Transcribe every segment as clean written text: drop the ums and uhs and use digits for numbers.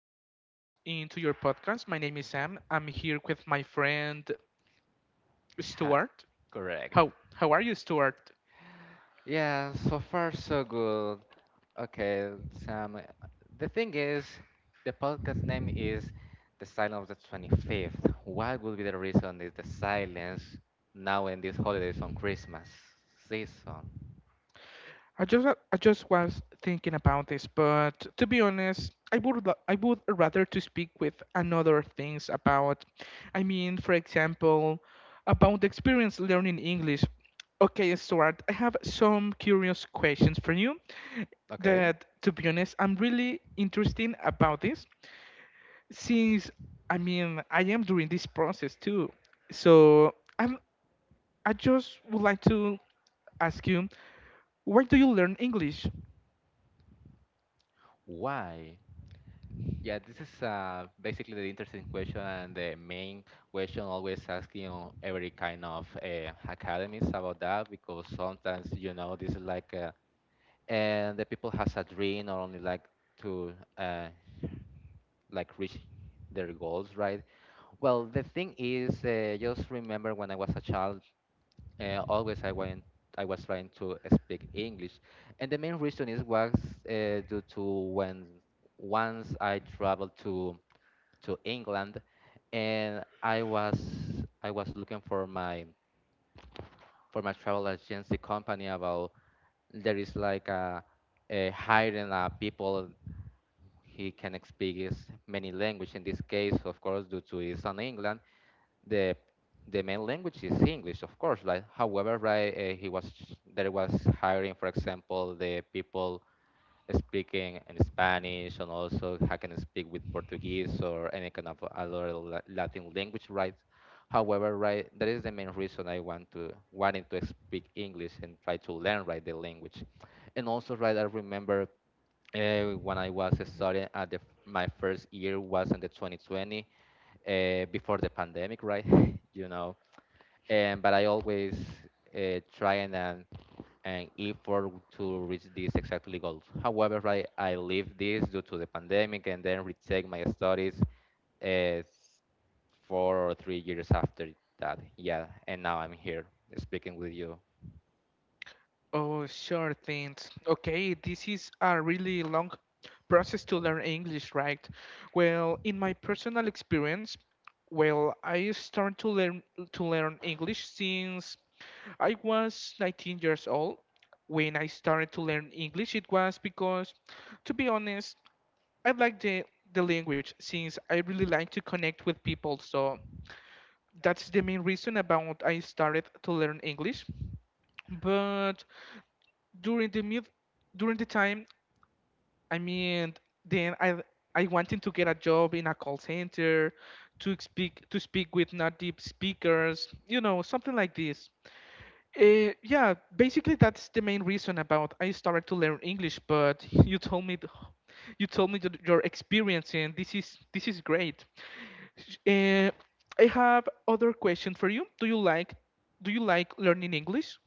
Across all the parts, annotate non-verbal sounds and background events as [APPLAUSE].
being with us into your podcast. My name is Sam. I'm here with my friend Ha, Stuart. correct. How are you, Stuart? Yeah, so far so good. Okay, Sam. The thing is, the podcast name is The Silence of the 25th. What would be the reason is the silence now in these holidays on Christmas season? I just was thinking about this, but to be honest, I would rather to speak with another things about. I mean, for example, about the experience learning English. Okay, Stuart, I have some curious questions for you Okay, that to be honest, I'm really interested about this. Since I mean I am during this process too, so I just would like to ask you, where do you learn English? why? Yeah, this is basically the interesting question and the main question always asking on every kind of academies about that because sometimes you know this is like. And the people has a dream or only like to uh, like reach their goals, right? Well, the thing is, just remember when I was a child, always I went, I was trying to speak English, and the main reason is was due to when once I traveled to England, and I was looking for my, for my travel agency company about there is like a hiring people. He can speak is many languages. In this case, of course, due to his son England, the the main language is English, of course. Like, however, right, he was there was hiring, for example, the people speaking in Spanish, and also I can speak with Portuguese or any kind of other Latin language, right? However, right, that is the main reason I wanted to speak English and try to learn, right, the language. And also, right, I remember when I was studying at the, my first year was in the 2020, before the pandemic, right? [LAUGHS] you know, and but I always try and and effort to reach this exactly goal. However, right, I leave this due to the pandemic and then retake my studies uh, 4 or 3 years after that. Yeah, and now I'm here speaking with you. Oh, sure things. Okay, this is a really long process to learn English, right? Well, in my personal experience, well, I started to learn English since I was 19 years old. When I started to learn English, it was because, to be honest, I like the language since I really like to connect with people. So that's the main reason about I started to learn English. But during the mid during the time I mean, then I wanted to get a job in a call center to speak with native speakers, you know, something like this. Yeah, basically that's the main reason about I started to learn English. But [LAUGHS] you told me, [SIGHS] your experience, and this is great. Sh- Uh, I have other question for you. Do you like learning English?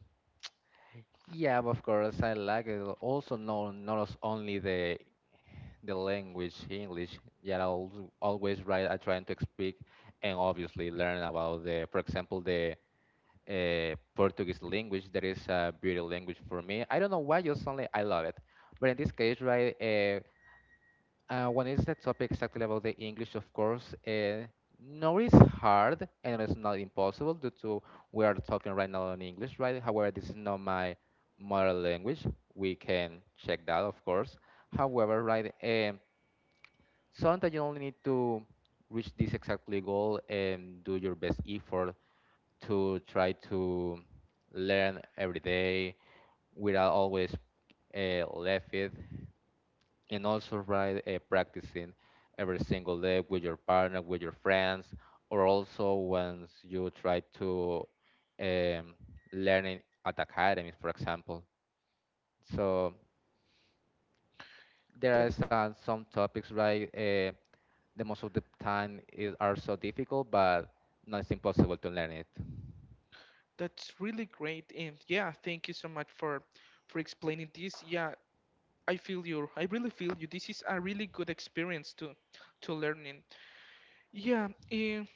Yeah, of course, I like it. Also, no, not as only the language English, yeah, I always write I trying to speak, and obviously learn about the, for example, the Portuguese language, that is a beautiful language for me. I don't know why, just only I love it. But in this case, right, when it's the topic exactly about the English, of course, no, it's hard, and it's not impossible due to we are talking right now in English, right? However, this is not my mother language, we can check that, of course. However, right, sometimes you only need to reach this exactly goal and do your best effort to try to learn every day without always left it. And also, right, practicing every single day with your partner, with your friends, or also once you try to um, learning at academies, for example. So there Th- are some topics, right, the most of the time is are so difficult, but not it's impossible to learn it. That's really great, and yeah, thank you so much for explaining this. Yeah, I feel you. I really feel you. This is a really good experience to learning. Yeah, in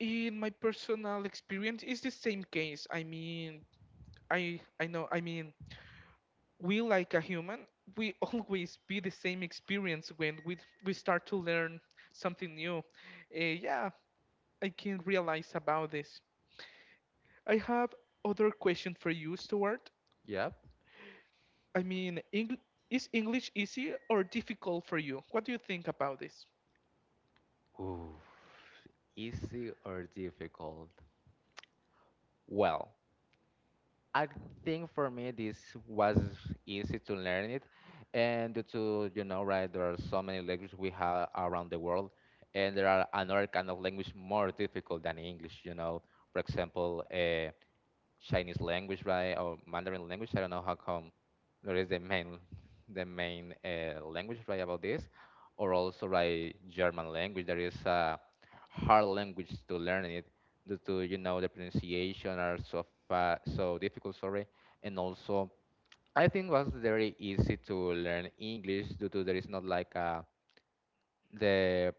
in my personal experience, it's the same case. I mean, I know. I mean, we like a human, we [LAUGHS] always be the same experience when we start to learn something new. Yeah, I can realize about this. I have other question for you, Stuart. Yep. I mean, is English easy or difficult for you? What do you think about this? Ooh, easy or difficult? Well, I think for me this was easy to learn it, and due to you know right, there are so many languages we have around the world, and there are another kind of language more difficult than English. You know, for example, Chinese language, right, or Mandarin language. I don't know how come there is the main language, right, about this, or also right German language. There is a hard language to learn it due to you know the pronunciation are so so difficult. Sorry, and also I think was very easy to learn English due to there is not like a the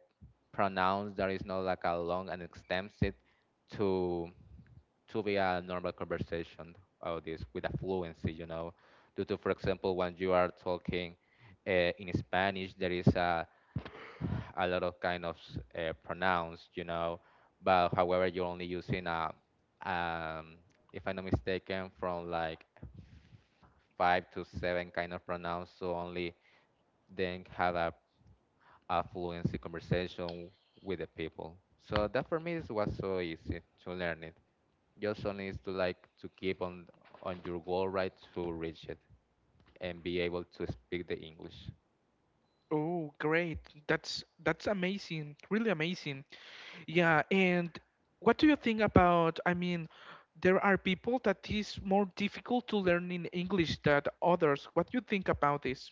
pronouns, there is not like a long and extensive to to be a normal conversation about this with a fluency, you know, due to, for example, when you are talking in Spanish, there is a lot of kind of pronouns, you know, but however, you're only using a, um, if I'm not mistaken, from like five to seven kind of pronouns, so only then have a fluency conversation with the people. So that for me is was so easy to learn it. Just only is to like to keep on your goal, right, to reach it and be able to speak the English. Oh, great. That's amazing. Really amazing. Yeah, and what do you think about, I mean, there are people that is more difficult to learn in English than others. What do you think about this?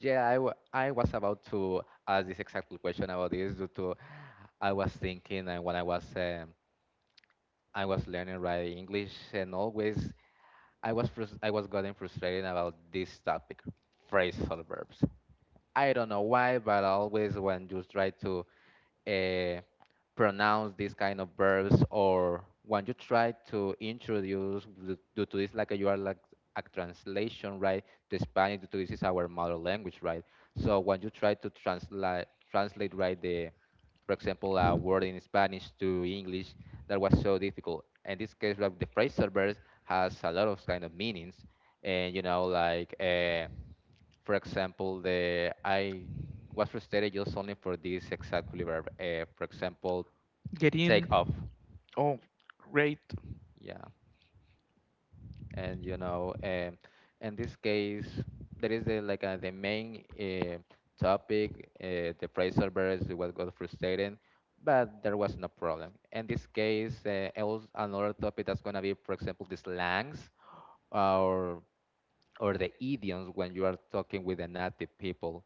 Yeah, I was about to ask this exact question about this due to I was thinking. And when I was learning right English, and always I was I was getting frustrated about this topic, phrasal verbs. I don't know why, but always when you try to uh, pronounce these kind of verbs, or when you try to introduce due to this, like you are like a translation right to Spanish, due to this is our mother language, right? So when you try to translate right the, for example, a word in Spanish to English, that was so difficult. In this case, like the phrasal verbs has a lot of kind of meanings, and you know, like for example, the I was frustrated just only for this exactly verb. For example, take off. Getting, oh, great. Yeah, and you know, in this case, there is the like the main topic. The phrasal verbs was got frustrating, but there was no problem. In this case, else another topic that's gonna be, for example, the slangs or the idioms, when you are talking with the native people,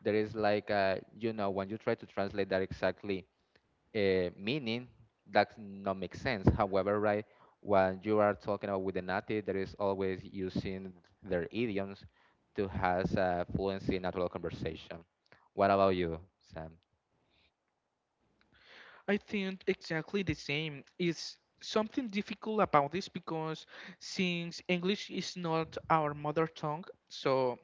there is like a, you know, when you try to translate that exactly meaning that not make sense. However, right, when you are talking about with the native, there is always using their idioms to has a fluency in natural conversation. What about you, Sam? I think exactly the same. It's something difficult about this because since English is not our mother tongue, so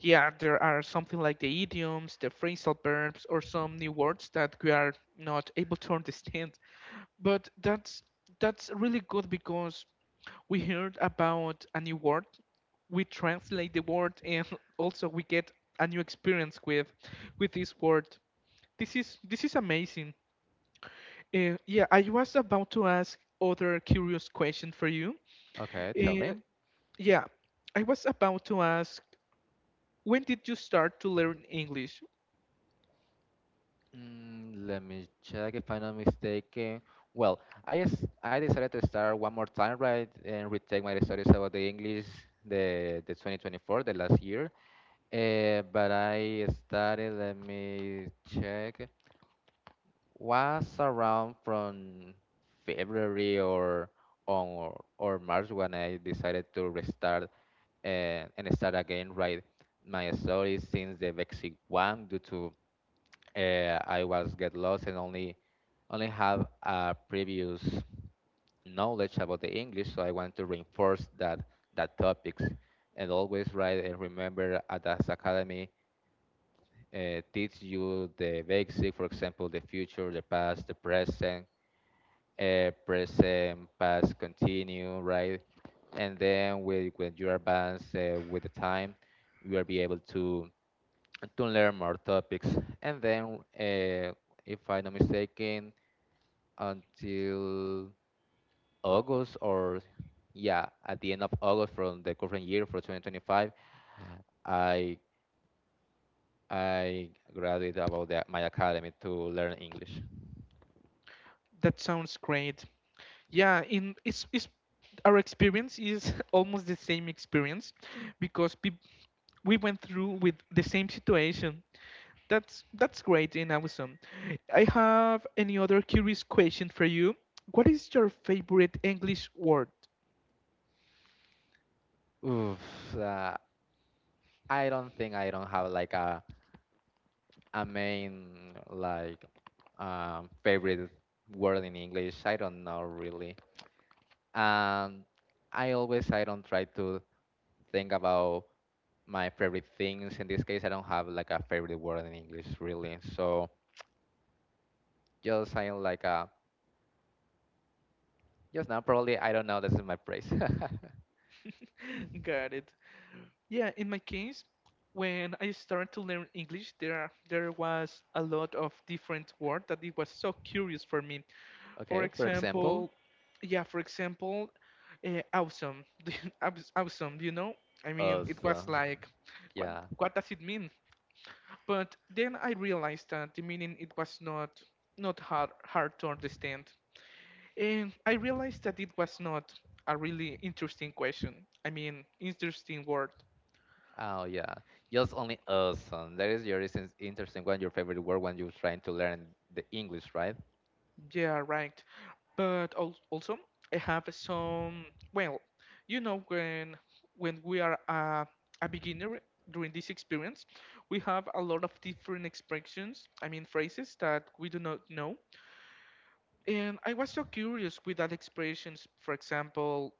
yeah, there are something like the idioms, the phrasal verbs, or some new words that we are not able to understand. But that's really good because we heard about a new word, we translate the word, and [LAUGHS] also we get a new experience with this word. This is amazing. Yeah, I was about to ask other curious question for you. Okay, tell me. Uh, yeah, I was about to ask, when did you start to learn English? Mm, let me check if I'm not mistaken. Well, I decided to start one more time, right, and retake my studies about the English the 2024, the last year. But I started, let me check, was around from February or on or March, when I decided to restart and start again write my stories since the Vexic one due to I was get lost and only have a previous knowledge about the English. So I want to reinforce that that topics. And always write and remember at this academy teach you the basic, for example, the future, the past, the present, present, past, continue, right? And then with, when you advance with the time, you will be able to learn more topics. And then, if I'm not mistaken, until August, or yeah, at the end of August from the current year for 2025, I I graduated about the, my academy to learn English. That sounds great. Yeah, it's our experience is [LAUGHS] almost the same experience because peop we went through with the same situation. That's great and awesome. I have any other curious question for you. What is your favorite English word? Oof, uh, I don't think I don't have like a main like favorite word in English. I don't know really. Um, I always I don't try to think about my favorite things. In this case, I don't have like a favorite word in English, really. So just I like a just now probably I don't know. This is my phrase. [LAUGHS] [LAUGHS] Got it. Yeah, in my case, when I started to learn English, there was a lot of different word that it was so curious for me. For Okay, for example, example, yeah, for example, awesome, [LAUGHS] awesome. I mean, it us. Was like, what Yeah. what does it mean? But then I realized that the meaning it was not hard to understand. And I realized that it was not a really interesting question. I mean, interesting word. Oh yeah, just only awesome. That is your is interesting one. Your favorite word when you're trying to learn the English, right? Yeah, right. But also, I have some. Well, you know, when when we are a beginner during this experience, we have a lot of different expressions. I mean, phrases that we do not know. And I was so curious with that expressions. For example,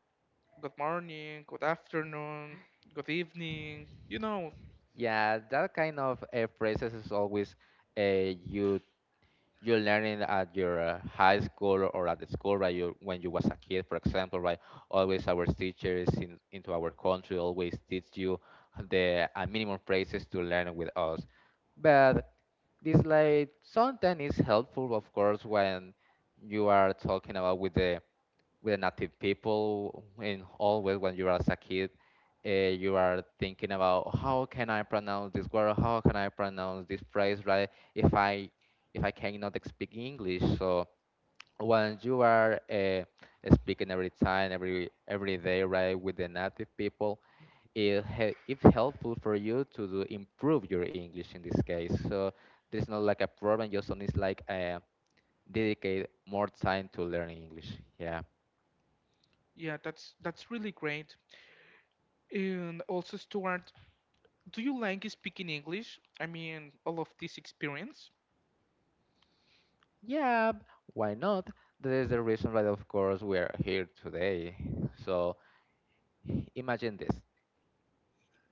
good morning, good afternoon, good evening. Yeah, that kind of phrases is always you you learning at your high school or at the school, right? You when you was a kid, for example, right? Always our teachers in into our country always teach you the minimum phrases to learn with us. But this like sometimes is helpful, of course, when you are talking about with the native people, and always when you are as a kid, you are thinking about how can I pronounce this word, how can I pronounce this phrase, right? If I cannot speak English. So when you are speaking every time, every day, right, with the native people, it's helpful for you to do, improve your English in this case. So there's not like a problem, just only it's like dedicate more time to learning English. Yeah. Yeah, that's really great. And also, Stuart, do you like speaking English? I mean, all of this experience? Yeah, why not? That is the reason why, of course, we are here today. So imagine this.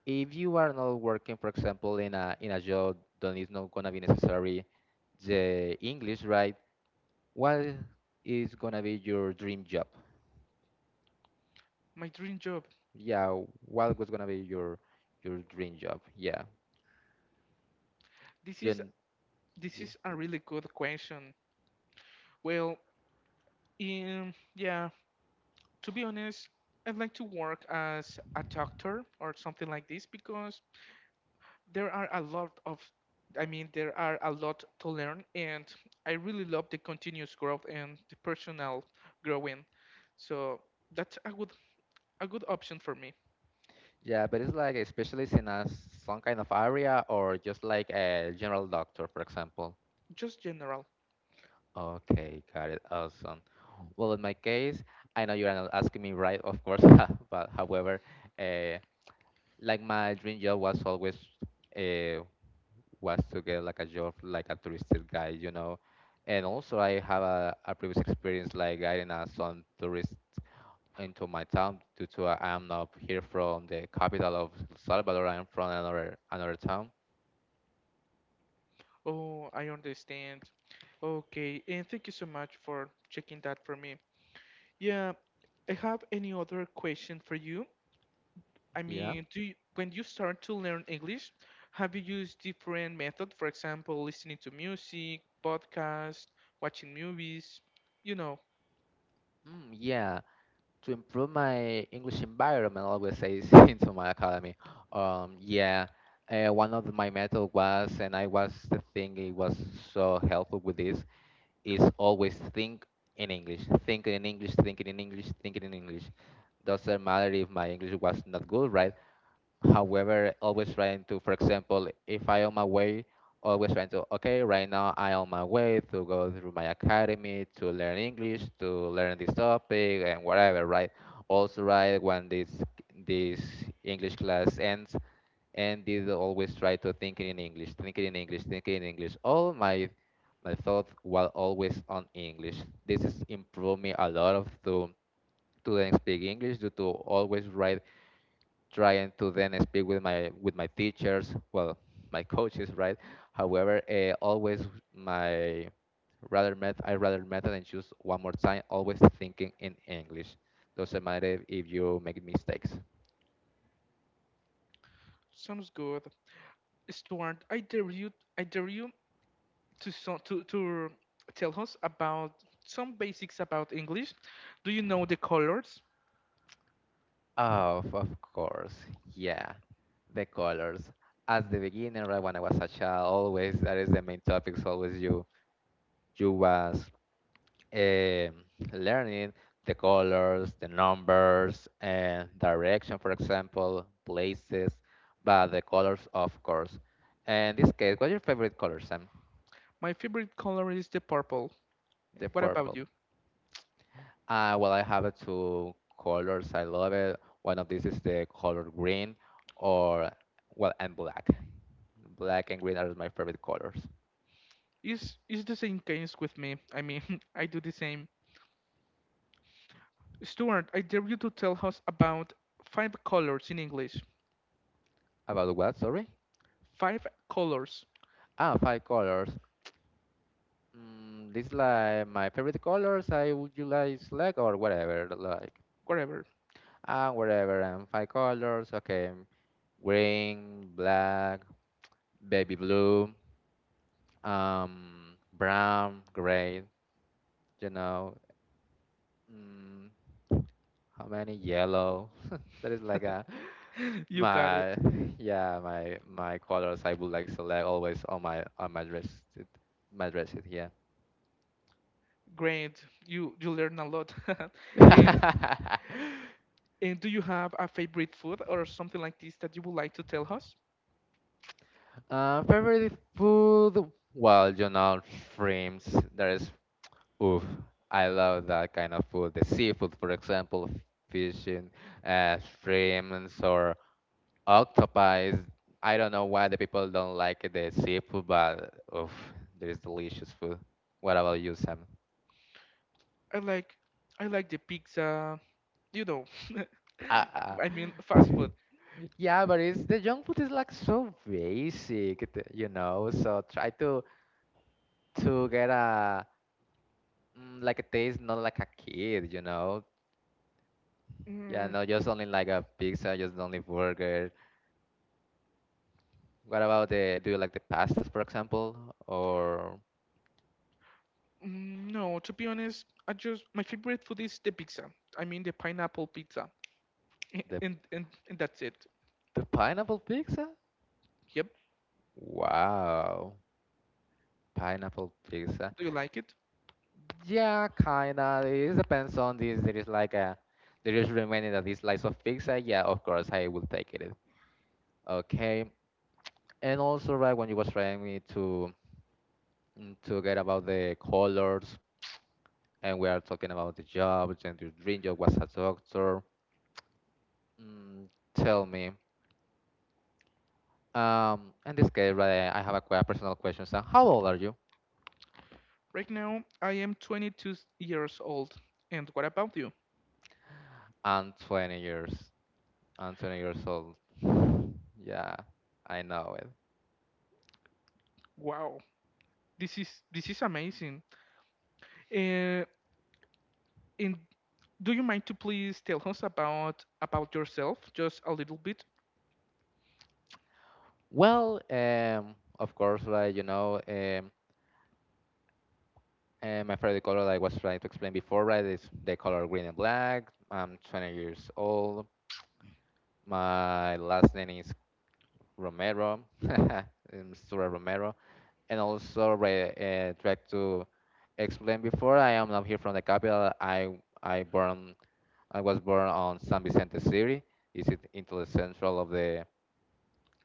If you are not working, for example, in a job that is not gonna be necessary the English, right? What is gonna be your dream job? My dream job. Yeah, what was gonna be your dream job? Yeah. This is Gen- this ye- is a really good question. Well, yeah, to be honest, I'd like to work as a doctor or something like this because there are a lot of I mean there are a lot to learn and I really love the continuous growth and the personal growing. So that's a good option for me. Yeah, but it's like a specialist in a some kind of area, or just like a general doctor, for example. Just general. Okay, got it. Awesome. Well, in my case, I know you're not asking me right, of course, [LAUGHS] but however, uh, like my dream job was always uh, was to get like a job like a touristic guide, you know. And also, I have a previous experience like guiding some tourists into my town due to I'm not here from the capital of El Salvador. I'm from another another town. Oh, I understand. Okay, and thank you so much for checking that for me. Yeah, I have any other question for you. I Yeah. mean, when you start to learn English, have you used different method? For example, listening to music, podcast, watching movies. You know, Mm, yeah. To improve my English environment, I always say is [LAUGHS] into my academy. Um, yeah, one of my method was, and I was the thing it was so helpful with this is always think in English, think in English, think in English, think in English. Doesn't matter if my English was not good, right? However, always trying to, for example, if I on my way, always trying to, okay, right now I on my way to go through my academy to learn English, to learn this topic and whatever, right? Also, right, when this English class ends, and did always try to think in English, thinking in English, thinking in English. All my thoughts were always on English. This has improved me a lot of to then speak English due to always write trying to then speak with my teachers, well, my coaches, right? However, always my rather met I rather method and choose one more time, always thinking in English. Doesn't matter if you make mistakes. Sounds good. Stuart, I dare you to so, to tell us about some basics about English. Do you know the colors? Of course, yeah. The colors. As the beginner, right when I was a child, always that is the main topics. Always you was eh, learning the colors, the numbers, and direction, for example, places, but the colors, of course. And in this case, what's your favorite color, Sam? My favorite color is the purple. The What about purple. you? Well, I have two colors. I love it. One of these is the color green, or well, and black. Black and green are my favorite colors. Is the same case with me? I mean, [LAUGHS] I do the same. Stuart, I dare you to tell us about five colors in English. About what? Sorry. Five colors, Ah, five colors. This like my favorite colors. I would you like select or whatever like. whatever. And whatever and five colors. Okay, green, black, baby blue, brown, gray, you know. Mm, how many yellow [LAUGHS] that is like a [LAUGHS] You got my it. [LAUGHS] yeah my colors I would like select always on my dress it- my dresses, yeah. Great. You learn a lot. [LAUGHS] And [LAUGHS] and do you have a favorite food or something like this that you would like to tell us? Favorite food, well, you know, shrimps, there is oof, I love that kind of food. The seafood, for example, fishing, shrimps or octopus. I don't know why the people don't like the seafood, but oof, there is delicious food. What about you, Sam? I like I like the pizza, you know. [LAUGHS] Ah, I mean ah, fast food. yeah, but it's the junk food is like so basic, you know. So try to get a like a taste, not like a kid, you know. Yeah, Mm, no, just only like a pizza, just only burger. What about the, do you like the pastas, for example, or mm, no, to be honest, I just my favorite food is the pizza. I mean the pineapple pizza. the And that's it. Pineapple pizza? Yep. Wow, pineapple pizza. Do you like it? Yeah, kinda. It depends on this. There is like a, there is remaining that this slice of pizza. Yeah, of course, I will take it. Okay, and also right when you was trying me to to get about the colors, and we are talking about the jobs and your dream job was a doctor. Mm, tell me. In this case, right, I have a, a personal question. So, how old are you? Right now, I am 22 years old. And what about you? I'm 20 years. I'm 20 years old. Yeah, I know it. Wow. This is amazing. Uh, and do you mind to please tell us about yourself just a little bit? Well, of course, right, you know, my favorite color, like I was trying to explain before, right, is the color green and black. I'm 20 years old. My last name is Romero, [LAUGHS] Mr. Romero. And also, right, tried to explain before, I am not here from the capital. I born I was born on San Vicente City. Into the central of the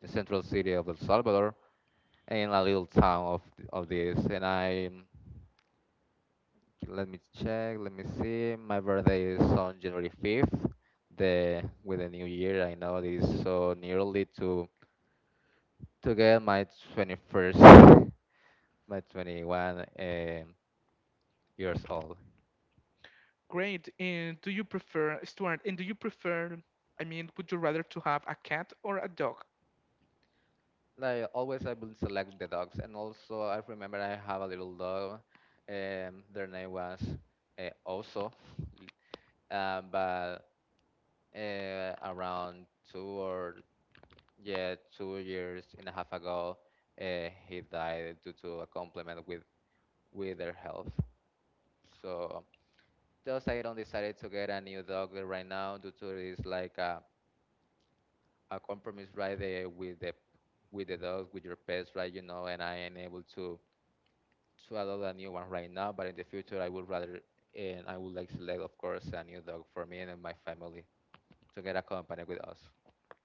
central city of El Salvador in a little town of this. And I let me check, let me see. My birthday is on January 5th. The with the new year, I know it is so nearly to get my 21st, [LAUGHS] my 21 years old. Great. And do you prefer Stuart? And do you prefer? I mean, would you rather to have a cat or a dog? Like always I will select the dogs and also I remember I have a little dog their name was Oso. [LAUGHS] But around two or yeah 2 years and a half ago he died due to a compliment with their health, so just I don't decided to get a new dog right now due to this like a compromise right there with the dogs with your pets, right, you know, and I am able to adopt a new one right now, but in the future I would rather and I would like select, of course, a new dog for me and my family to get accompanied with us.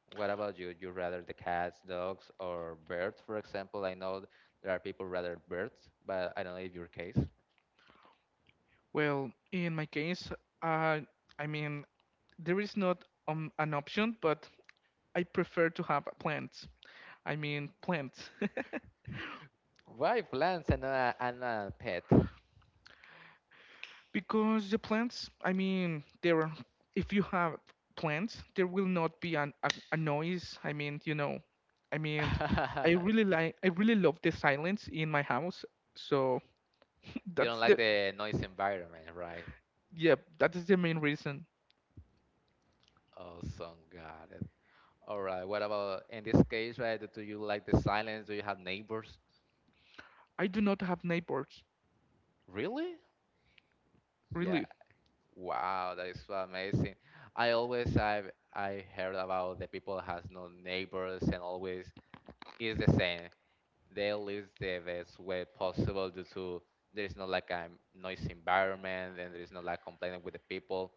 What about you? You rather the cats, dogs, or birds, for example? I know there are people rather birds, but I don't know if your case. Well, in my case, uh, I mean, there is not an option, but I prefer to have plants. I mean plants. [LAUGHS] Why plants and not a pet? Because the plants, I mean, there are, if you have plants, there will not be a noise. I mean, I mean, I really [LAUGHS] like, I really love the silence in my house. So [LAUGHS] You that's don't like the, the noise environment, right? yeah, that is the main reason. Awesome, got it. All right. What about in this case, right? Do you like the silence? Do you have neighbors? I do not have neighbors, Really? Yeah, really. wow, that is so amazing. I heard about the people has no neighbors and always is the same. They live the best way possible due to there is not like a noisy environment and there is not like complaining with the people.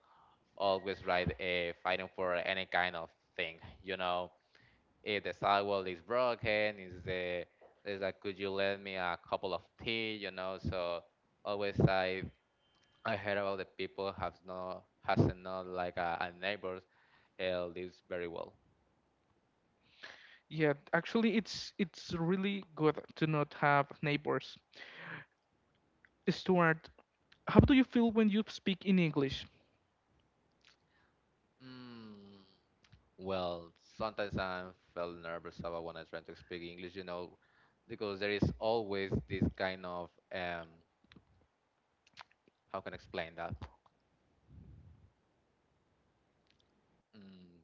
Always right fighting for any kind of thing. You know, if the sidewalk is broken, is the there's like could you lend me a couple of tea? You know, so always I heard about the people have no hasn't not like a neighbor lives very well. Yeah, actually, it's really good to not have neighbors. Stuart, how do you feel when you speak in English? Mm. Well, sometimes I felt nervous about when I trying to speak English, you know, because there is always this kind of how can I explain that? Mm,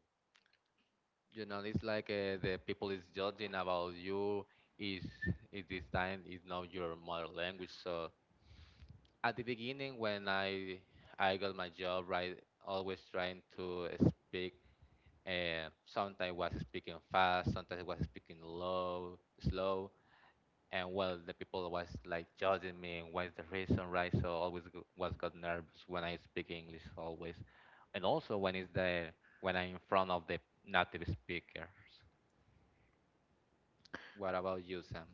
you know, it's like the people is judging about you. Is is This time is not your mother language. So at the beginning, when I got my job, right, always trying to speak sometimes was speaking fast, sometimes was speaking low, slow, and well, the people was like judging me and what's the reason, right? So always was got nervous when I speak English always, and also when it's the when I'm in front of the native speakers. What about you, Sam?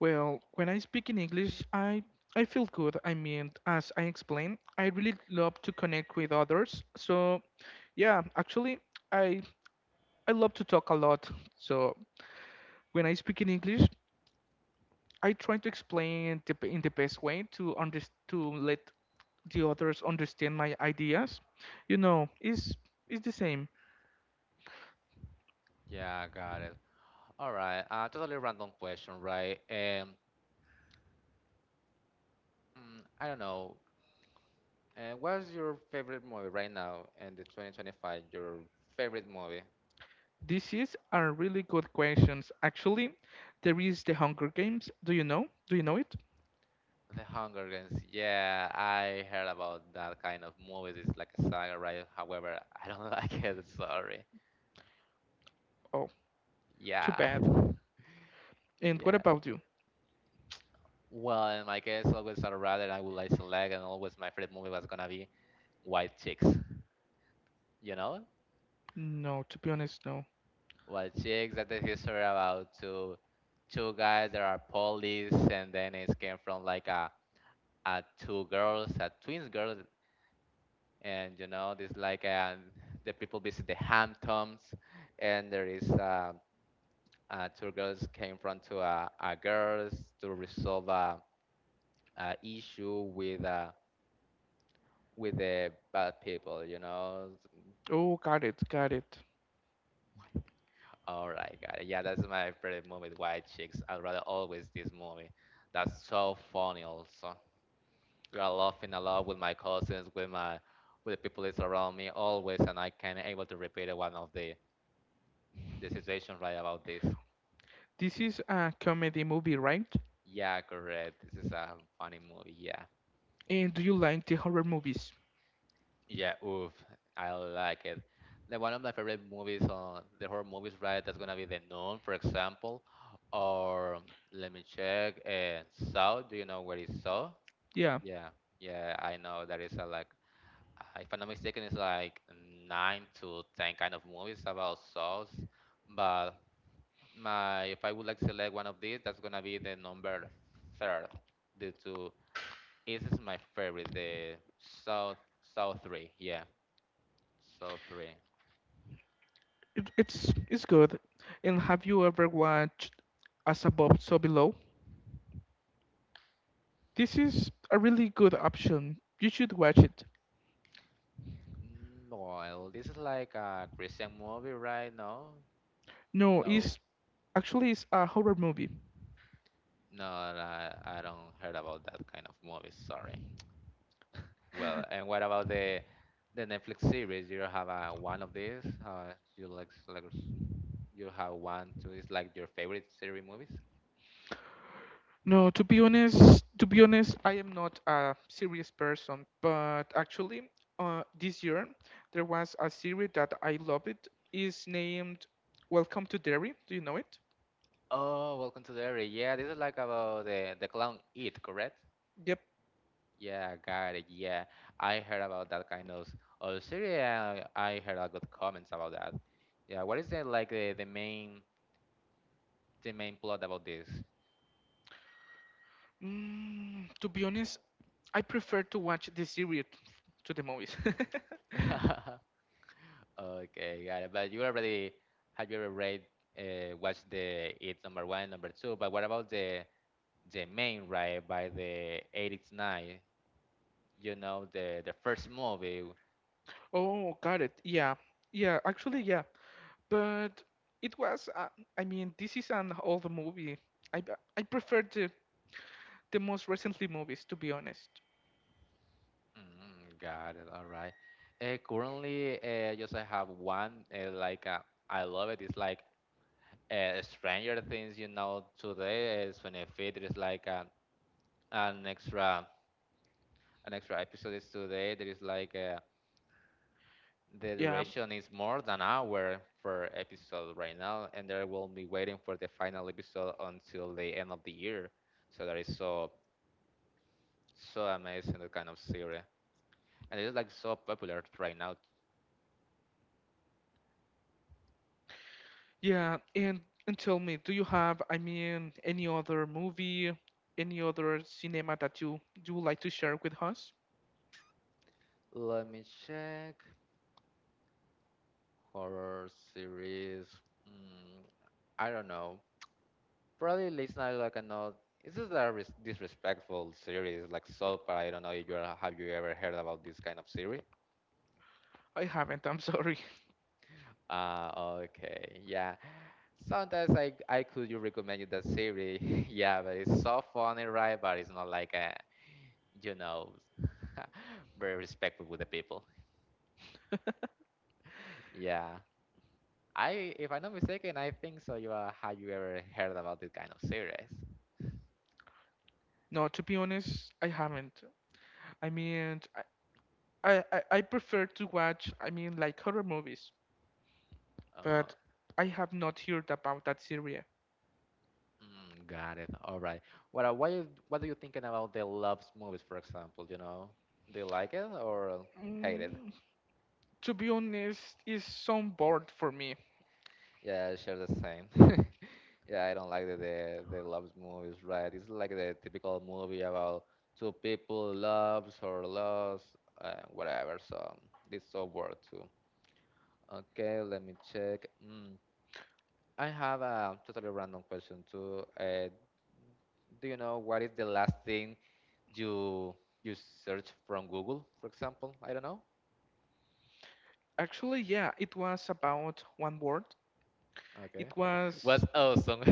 Well, when I speak in English, I feel good. I mean, as I explained, I really love to connect with others. So, yeah, actually, I I love to talk a lot. So, when I speak in English, I try to explain in the best way to let the others understand my ideas. You know, it's it's the same. Yeah, got it. All right. Totally random question, right? I don't know. What's your favorite movie right now in the 2025? Your favorite movie? This is a really good questions. Actually, there is the Hunger Games. Do you know? Do you know it? The Hunger Games. Yeah, I heard about that kind of movies. It's like a saga, right? However, I don't [LAUGHS] like it. Sorry. Oh, too Yeah. bad. And what Yeah. about you? Well, in my case, always I'd rather I would like select, and always my favorite movie was gonna be White Chicks. You know, No, to be honest, no. White Chicks. That's the history about two guys that are police, and then it came from like a two girls, a twins girls, and you know, this like the people visit the Hamptons, and there is two girls came from to a girls to resolve a issue with the bad people, you know. Oh, got it, got it. All right, got it. Yeah, that's my favorite movie, White Chicks. I'd rather always this movie. That's so funny. Also, you are laughing a lot with my cousins, with my with the people that's around me always, and I can able to repeat one of the situation right about this. This is a comedy movie, right? Yeah, correct. This is a funny movie. Yeah. And do you like the horror movies? Yeah, oof, I like it. The one of my favorite movies on the horror movies, right? That's gonna be The Nun, for example, or let me check. Saw. Do you know where is Saw? Yeah, Yeah, yeah, I know that is a like, if I'm not mistaken, it's like nine to ten kind of movies about Saws. But my, if I would like to select one of these, that's gonna be the number third, due to this is my favorite, the Saw Saw three. Yeah, Saw three. it's good. And have you ever watched As Above, So Below? This is a really good option. You should watch it. Well, this is like a Christian movie, right? No, No, no, it's actually it's a horror movie. no, I don't heard about that kind of movie. Sorry. Well, and what about the Netflix series? You have one of these? You like you have one two? Is like your favorite series movies? No, to be honest, I am not a serious person, but actually, this year there was a series that I love it. It's named Welcome to Derry. Do you know it? Oh, Welcome to the Area. Yeah, this is like about the clown It, correct? Yep. Yeah, got it. Yeah, I heard about that kind of series. I heard a good comments about that. Yeah, what is it like the, the main plot about this? To be honest, I prefer to watch the series to the movies. [LAUGHS] [LAUGHS] Okay, got it. But you already have you ever read watched the it's number one, number two? But what about the main right by the eight, nine? You know the first movie. Oh, got it. Yeah. Yeah, actually, yeah. But it was, I mean, this is an old movie. I prefer the most recently movies, to be honest. Mm, got it. All right. Currently, just I have one like I love it. It's like Stranger Things, you know, today is 25th. There is like a, an extra an extra episode is today. There is like the Yeah. duration is more than hour per episode right now, and they will be waiting for the final episode until the end of the year. So that is so amazing the kind of series, and it is like so popular right now. Yeah. And tell me, do you have, I mean, any other movie, any other cinema that you do like to share with us? Let me check horror series. Mm, I don't know. Probably it's not like a no. It's just a disrespectful series like soap. I don't know if you have you ever heard about this kind of series. I haven't, I'm sorry. [LAUGHS] Ah, okay, yeah. Sometimes I could you recommend you that series. [LAUGHS] Yeah, but it's so funny, right? But it's not like a you know [LAUGHS] very respectful with the people. Yeah, I if I'm not mistaken, I think so. You are have you ever heard about this kind of series? No, to be honest, I haven't. I mean, I prefer to watch, I mean, like horror movies, Uh, but I have not heard about that series. Got it. All right. What are what you what are you thinking about the loves movies, for example? You know, do you like it or hate it? Mm, to be honest, it's so bored for me. Yeah, I share the same. [LAUGHS] Yeah, I don't like the the loves movies, right? It's like the typical movie about two people loves or loves whatever. So this so work too. Okay, let me check. I have a totally random question too. Do you know what is the last thing? you you search from Google, for example. I don't know. Actually, yeah, it was about one word. Okay, It was was, awesome.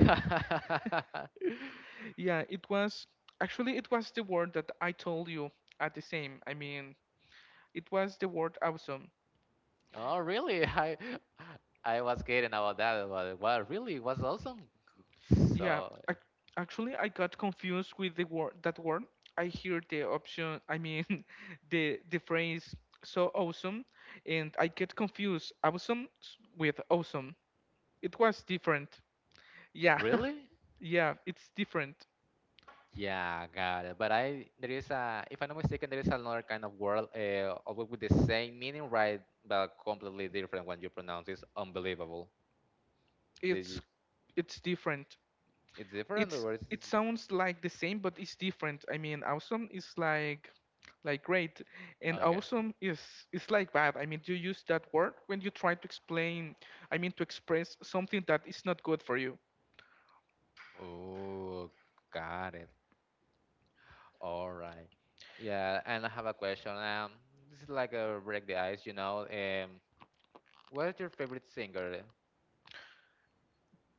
[LAUGHS] [LAUGHS] yeah, it was, actually, it was the word that I told you at the same. I mean, it was the word awesome. Oh, really? I was kidding about that, but well, really it was awesome. Yeah, So ac actually, I got confused with the word that word. I hear the option, I mean, [LAUGHS] the phrase so awesome, and I get confused awesome with awesome. It was different. Yeah, really, [LAUGHS] yeah, it's different. yeah, got it. But I there is a, if I'm not mistaken, there is another kind of word, always with the same meaning, right? But completely different when you pronounce it. Unbelievable. Did It's you, it's different. it's different it's or is it sounds like the same, but it's different. I mean, awesome is like great, and okay? awesome is like bad. I mean, you use that word when you try to explain, I mean, to express something that is not good for you. Oh, got it. All right. Yeah, and I have a question. This is like a break the ice, What's your favorite singer?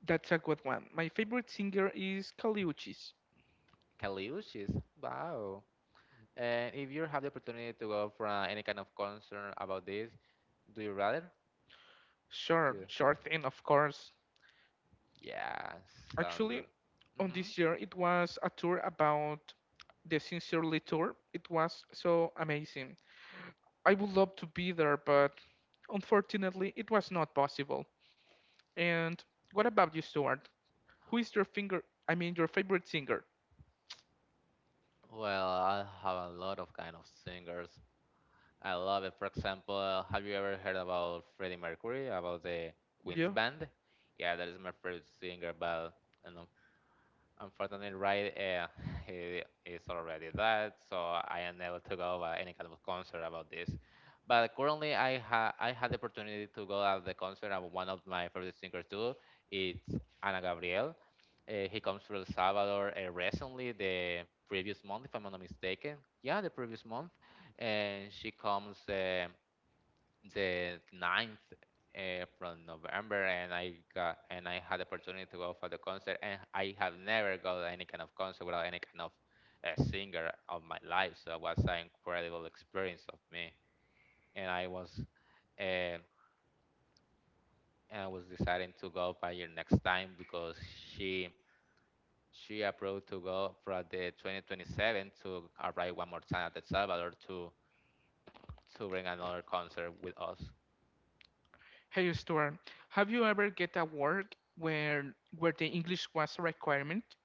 That's a good one. My favorite singer is Kaliuchis. Kaliushis. Wow. And if you have the opportunity to go for any kind of concert about this, do you rather? Do Sure, you? sure thing. Of course, Yeah, sounds good. actually on Hmm. this year, it was a tour about the Sincerely Tour. It was so amazing. I would love to be there, but unfortunately, it was not possible. And what about you, Stuart? Who is your finger? I mean, your favorite singer? Well, I have a lot of kind of singers. I love it. For example, have you ever heard about Freddie Mercury, about the Queen's Yeah. Band? Yeah, that is my favorite singer, but unfortunately, Unfortunately, right, [LAUGHS] he is already dead, so I am able to go to any kind of concert about this. But currently, I had the opportunity to go at the concert of one of my favorite singers too. It's Ana Gabriel. He comes from El Salvador recently, the previous month, if I'm not mistaken. Yeah, the previous month, and she comes. The ninth from November, and I got and I had the opportunity to go for the concert, and I have never got any kind of concert without any kind of singer of my life. So it was an incredible experience of me, and uh, I was deciding to go by your next time because she she approved to go for the 2027 to arrive one more time at El Salvador to bring another concert with us. Hey, Stuart. Have you ever get a work where the English was a requirement?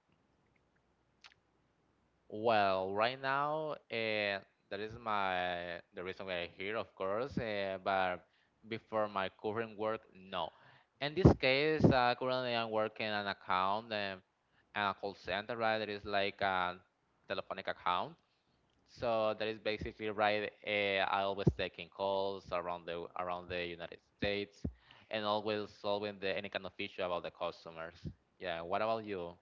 Well, right now, that is my the reason why I'm here, of course. But before my current work, no. In this case, currently I'm working an account, a call center, right? That is like a telephonic account. So that is basically right. I always taking calls around the United States, and always solving the, any kind of issue about the customers. Yeah. What about you?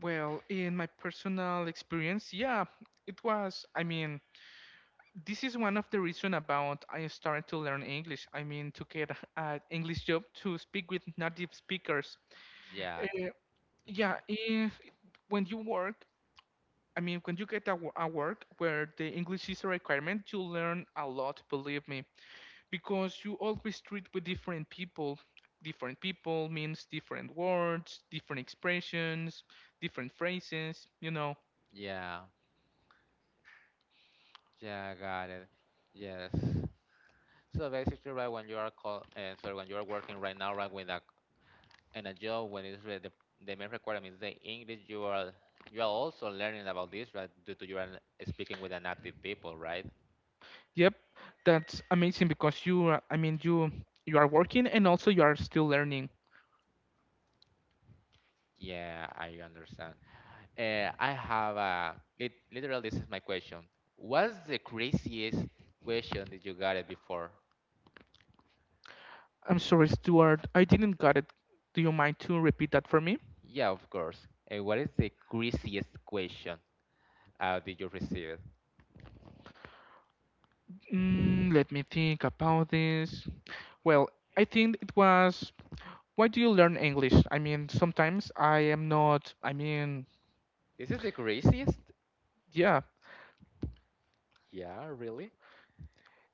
Well, in my personal experience, yeah, it was. I mean, this is one of the reason about I started to learn English. I mean, to get an English job, to speak with native speakers. Yeah. Uh, Hmm. yeah, if when you work, I mean, when you get a, a work where the English is a requirement, you learn a lot, believe me, because you always treat with different people. Different people means different words, different expressions, different phrases, you know. Yeah. Yeah, got it. Yes. So basically, right when you are call, sorry, when you are working right now, right with a in a job when it's the main requirement is the English, you are also learning about this, right? Due to your speaking with a native people, right? Yep, that's amazing because you, I mean, you are working and also you are still learning. Yeah, I understand. I have a literally this is my question. What's the craziest question that you got it before? I'm sorry, Stuart, I didn't got it. Do you mind to repeat that for me? Yeah, of course. And what is the craziest question that you received? Let me think about this. Well, I think it was. Why do you learn English? I mean, sometimes I am not, I mean, This is the craziest? yeah, Yeah, really?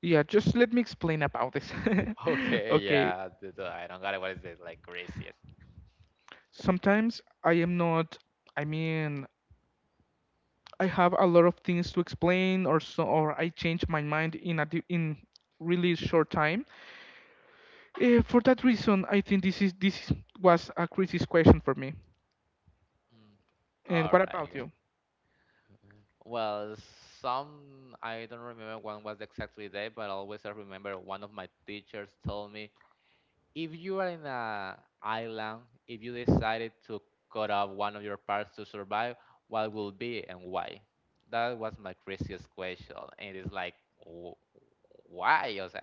yeah, just let me explain about this. [LAUGHS] [LAUGHS] Okay, Okay, yeah, I don't got it. What is it? Like craziest. sometimes I am not, I mean, I have a lot of things to explain or so, or I change my mind in a, in really short time. For that reason, I think this was a crisis question for me. Mm. And All what about right. you? Well, some I don't remember when was exactly day, but always I remember one of my teachers told me if you are in a island, if you decided to cut off one of your parts to survive, what will be and why? That was my craziest question, and it's like, wh- why? O sea,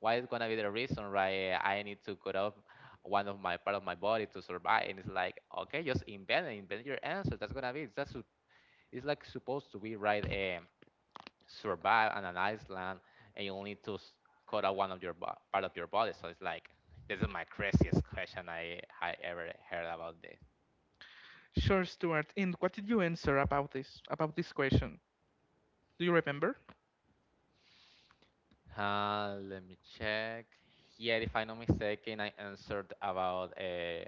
why is gonna be the reason, right? I need to cut off one of my part of my body to survive, and it's like, okay, just invent your answer. That's gonna be it's like supposed to be right. Survive on an island and you'll need to cut out one of your part of your body. So it's like this is my craziest question I ever heard about this. Sure, Stuart. And what did you answer about this, about this question? Do you remember? Let me check. Yeah, if I'm not mistaken, I answered about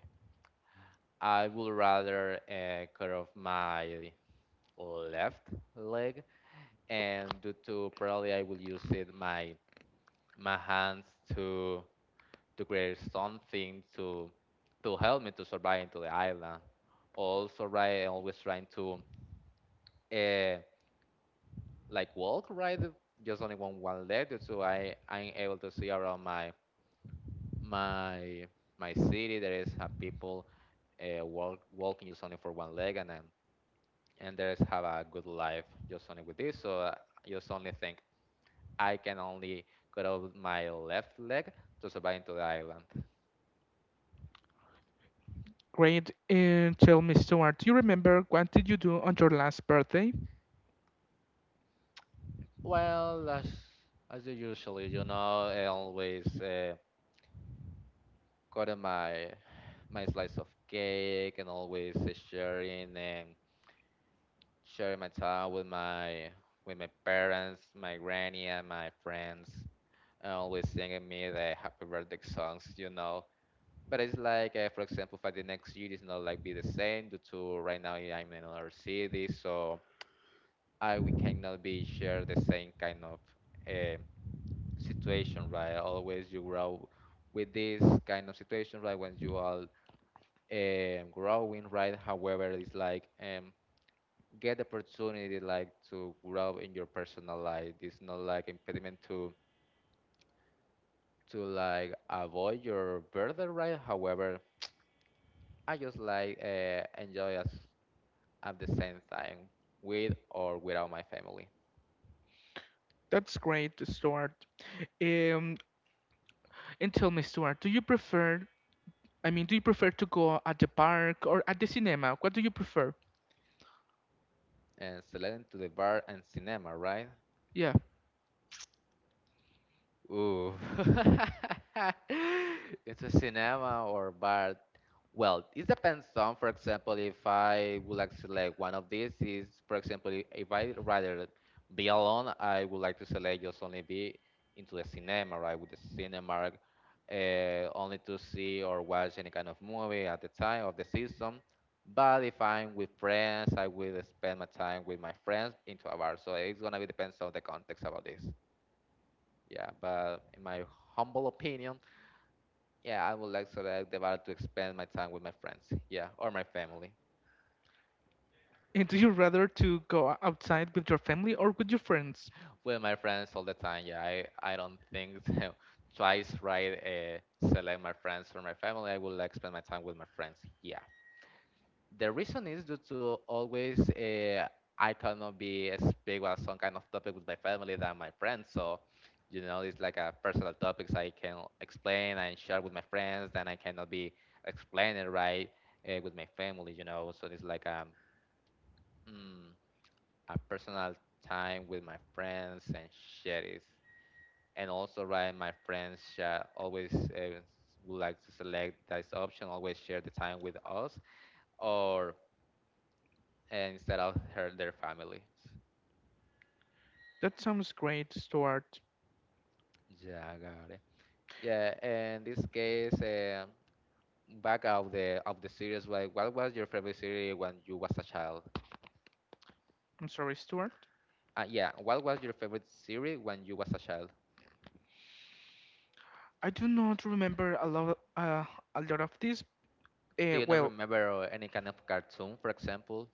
I would rather cut off my left leg, and due to probably I will use it my hands to to create something to help me to survive into the island. Also, right, always trying to uh, like walk right, just only one one leg, so I I'm able to see around my my city. There is have people walk, walking just only for one leg, and then and there is have a good life just only with this. So I just only think I can only cut off my left leg to survive into the island. Great. And tell me, Stuart, do you remember what did you do on your last birthday? Well, as you usually, you know, I always got my slice of cake and always sharing and sharing my time with my parents, my granny, and my friends. And always singing me the happy birthday songs, you know. But it's like, for example, for the next year, it's not like be the same due to right now I'm in another city, so I we cannot be share the same kind of eh, situation, right? Always you grow with this kind of situation, right? When you are growing, right? However, it's like get the opportunity like to grow in your personal life. It's not like impediment to like avoid your burden, right? However, I just like enjoy as at the same time with or without my family. That's great, Stuart. Um, and tell me, Stuart, do you prefer, I mean, do you prefer to go at the park or at the cinema? What do you prefer? And selecting to the bar and cinema, right? Yeah. Ooh. [LAUGHS] It's a cinema or bar. Well, it depends on, for example, if I would like to select one of these is, for example, if I rather be alone, I would like to select just only be into the cinema, right? With the cinema, uh, only to see or watch any kind of movie at the time of the season. But if I'm with friends, I will spend my time with my friends into a bar. So it's gonna be depends on the context about this. Yeah, but in my humble opinion, yeah, I would like so that Guevara to spend my time with my friends, yeah, or my family. And do you rather to go outside with your family or with your friends? With my friends all the time, yeah, I don't think [LAUGHS] so. Twice right select my friends or my family. I would like spend my time with my friends, yeah. The reason is due to always I cannot be as big on some kind of topic with my family than my friends. So, you know, it's like a personal topics I can explain and share with my friends. Then I cannot be explaining right with my family. You know, so it's like mm, a personal time with my friends and share it. And also, right, my friends share always would like to select this option. Always share the time with us or and instead of her their family. That sounds great, Stuart. Yeah, I got it. Yeah, and this case, back of the series, like, what was your favorite series when you was a child? I'm sorry, Stuart. Yeah, what was your favorite series when you was a child? I do not remember a lot of this. Do Uh, you not well, remember any kind of cartoon, for example?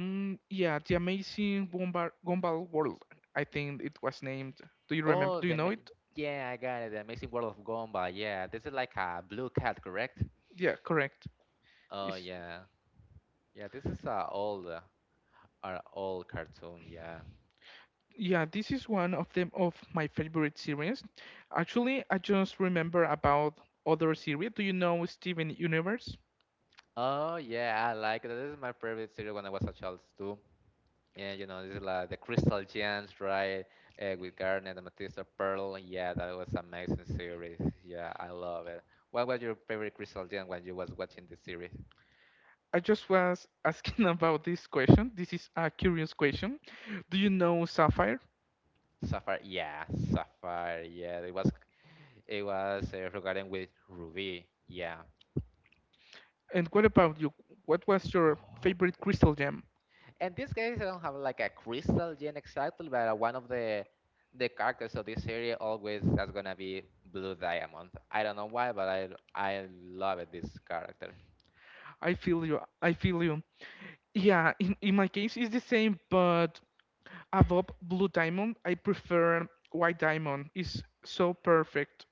Mm, yeah, the Amazing Gumball, Gumball World. I think it was named. Do you remember? Oh, Do you know it? yeah, I got it. The Amazing World of Gumball. Yeah, this is like a blue cat, correct? Yeah, correct. Oh It's, yeah, yeah. This is a old cartoon. Yeah. yeah, this is one of them of my favorite series. Actually, I just remember about other series. Do you know Steven Universe? Oh yeah, I like it. This is my favorite series when I was a child too. And you know, this is like the Crystal Gems, right? With Garnet Amethyst, and Matisse Pearl. Yeah, that was amazing series. Yeah, I love it. What was your favorite Crystal Gem when you was watching this series? I just was asking [LAUGHS] about this question. This is a curious question. Do you know Sapphire? Sapphire. Yeah, Sapphire. Yeah, it was regarding with Ruby. Yeah. And what about you? What was your favorite [GASPS] crystal gem? In this case, I don't have like a crystal gene exactly, but one of the characters of this series always is gonna be Blue Diamond. I don't know why, but I love it, this character. I feel you. I feel you. Yeah, in my case it's the same, but above Blue Diamond, I prefer White Diamond. It's so perfect.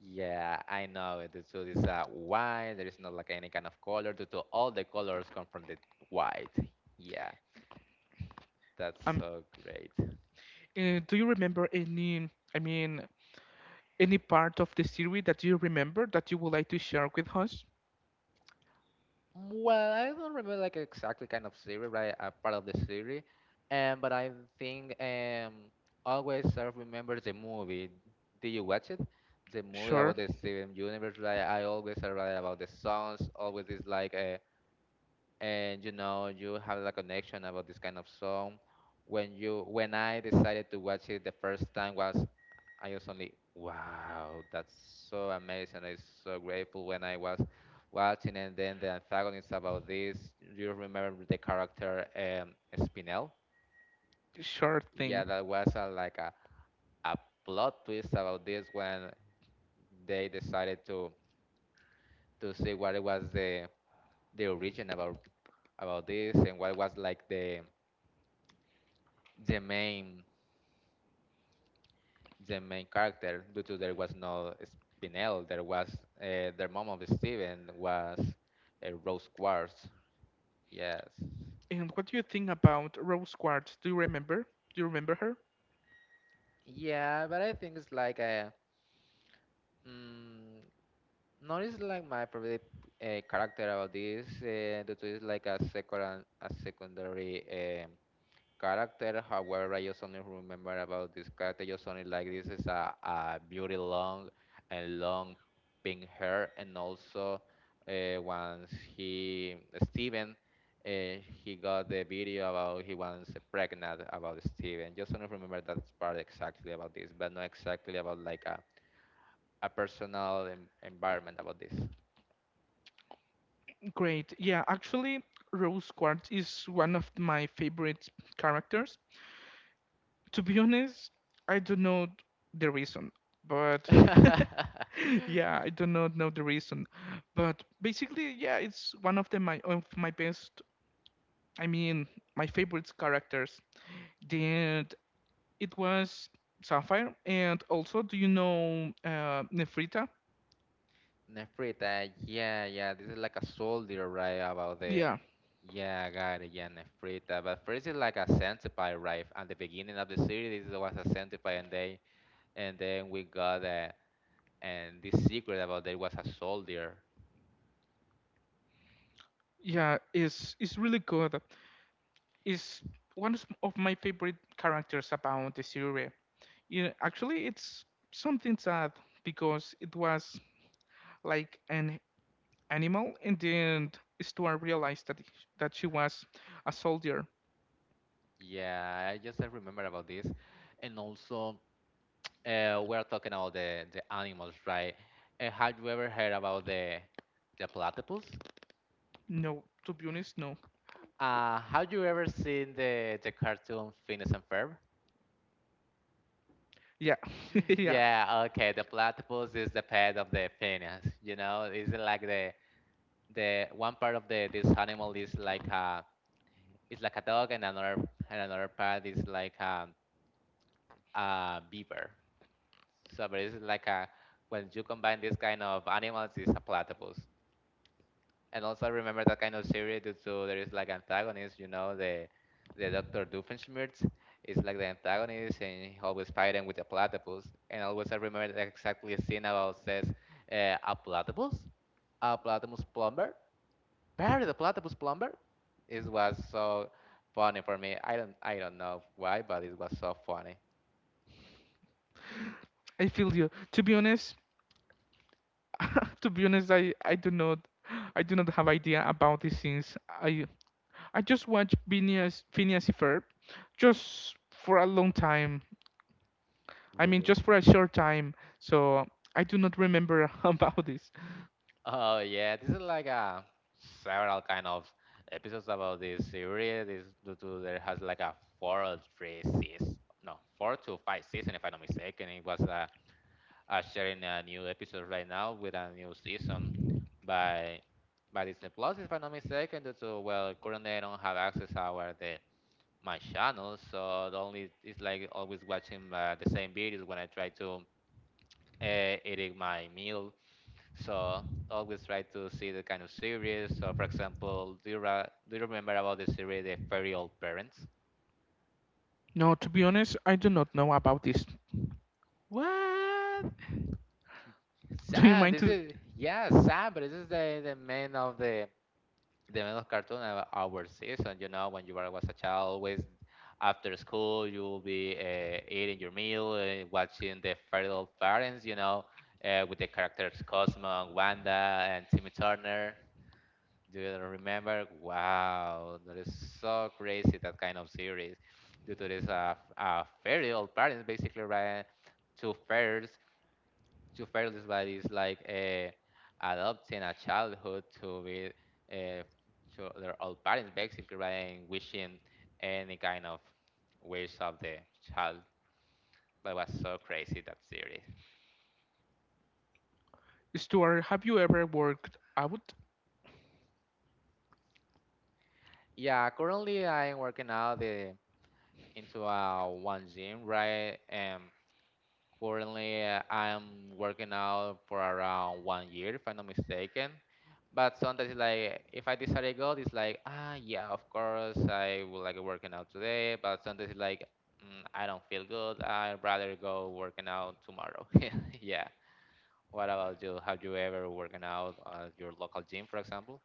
Yeah, I know it. So this white, there is not like any kind of color, due to all the colors come from the white. Yeah, that's Um, so great. Do you remember any, I mean, any part of the series that you remember that you would like to share with us? Well, I don't remember like exactly kind of series, right? A part of the series, but I think always I remember the movie. Did you watch it? The movie Sure, about the Steven Universe, right? I always write about the songs. Always is like a, and you know you have a connection about this kind of song. When you when I decided to watch it the first time, was I was only, wow, that's so amazing. I'm so grateful when I was watching. And then the antagonist about this, you remember the character Spinel? sure thing. Yeah, that was a, like a plot twist about this when they decided to see what it was, the origin about this, and what was like the main the main character, due to there was no Spinel, there was their mom of Steven was Rose Quartz. Yes. And what do you think about Rose Quartz? Do you remember? Do you remember her? Yeah, but I think it's like a mm, not is like my favorite character about this due to it's like a second a secondary character. However, I just only remember about this character. Just only like this is a beauty long and long pink hair, and also once he Steven. Uh, he got the video about he was pregnant about Steven. Just don't remember that part exactly about this, but not exactly about like a personal environment about this. Great. Yeah, actually, Rose Quartz is one of my favorite characters. To be honest, I don't know the reason, but [LAUGHS] [LAUGHS] yeah, I do not know the reason, but basically, yeah, it's one of the my of my best, I mean, my favorite characters. Then it was Sapphire, and also, do you know Nefrita? Nefrita, yeah, yeah, this is like a soldier, right? About the, Yeah, yeah, I got it, yeah, Nefrita. But first, it's like a centipede, right? At the beginning of the series, it was a centipede, and they, and then we got and this secret about there was a soldier. yeah, it's really good. It's one of my favorite characters about the series. Yeah, actually, it's something sad because it was like an animal, and then Stuart realized that that she was a soldier. Yeah, I just, I remember about this. And also, we are talking about the animals, right? Have you ever heard about the platypus? No, to be honest, no. Have you ever seen the cartoon Phineas and Ferb? Yeah, [LAUGHS] yeah. Yeah, okay. The platypus is the pet of the penis. You know, it's like the one part of the this animal is like a it's like a dog, and another part is like a beaver. So, but it's like a when you combine this kind of animals, it's a platypus. And also I remember that kind of series, due to there is like antagonist, you know, the Doctor Doofenshmirtz is like the antagonist, and he always fighting with the platypus. And always I remember that exactly a scene about says uh, a platypus, a platypus plumber, Barry the platypus plumber. It was so funny for me. I don't know why, but it was so funny, I feel you. To be honest, [LAUGHS] to be honest, I do not have idea about these things. I just watched Phineas and Ferb just for a long time. I mean, real. just for a short time. So I do not remember [LAUGHS] about this. Oh yeah, this is like a several kind of episodes about this series. This due to there has like a four or three season, no, four to five season if I'm not mistaken. It was sharing a new episode right now with a new season by by Disney Plus if I'm not mistaken. Due to well, currently I don't have access our the my channel, so the only it's like always watching the same videos when I try to eating my meal, so always try to see the kind of series. So for example, do you, do you remember about the series The Very Old Parents? No, to be honest, I do not know about this. [LAUGHS] What? Do you Sam, mind this to, is yeah, Sam, but this is the main of cartoon of our season. You know, when you were was a child, always after school you will be eating your meal, watching the Feral Parents. You know, with the characters Cosmo, Wanda, and Timmy Turner. Do you remember? Wow, that is so crazy that kind of series. Due to this, fairy old parents basically ran two fairies, two fairies, but it's like adopting a childhood to be uh, to their old parents basically, right? And wishing any kind of wish of the child. That was so crazy that series. Stuart? Have you ever worked out? Yeah, currently I'm working out the, into a one gym, right? Currently, I'm working out for around 1 year, if I'm not mistaken. But sometimes, it's like, if I decide to go, it's like, ah, yeah, of course, I would like working out today. But sometimes, it's like, I don't feel good. I'd rather go working out tomorrow. [LAUGHS] Yeah. What about you? Have you ever working out at your local gym, for example?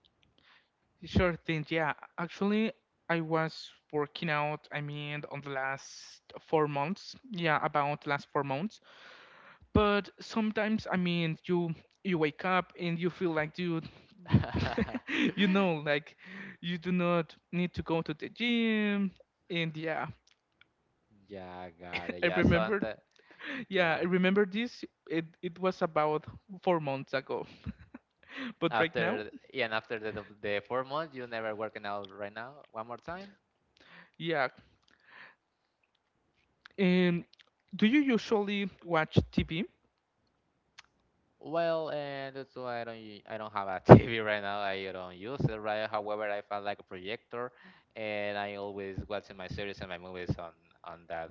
Sure thing. Yeah, actually, I was working out. I mean, on the last 4 months. Yeah, about last 4 months. But sometimes, I mean, you wake up and you feel like, dude, [LAUGHS] [LAUGHS] you know, like you do not need to go to the gym. And yeah, Yeah, got it. [LAUGHS] I Yeah, remember, sometimes, yeah, I yeah. remember this. It was about 4 months ago. [LAUGHS] But right now, After yeah, and after the 4 months, you never working out right now. One more time. yeah. And do you usually watch TV? Well, and that's why I don't I don't have a [LAUGHS] TV right now. I don't use it right. However, I found like a projector, and I always watching my series and my movies on that.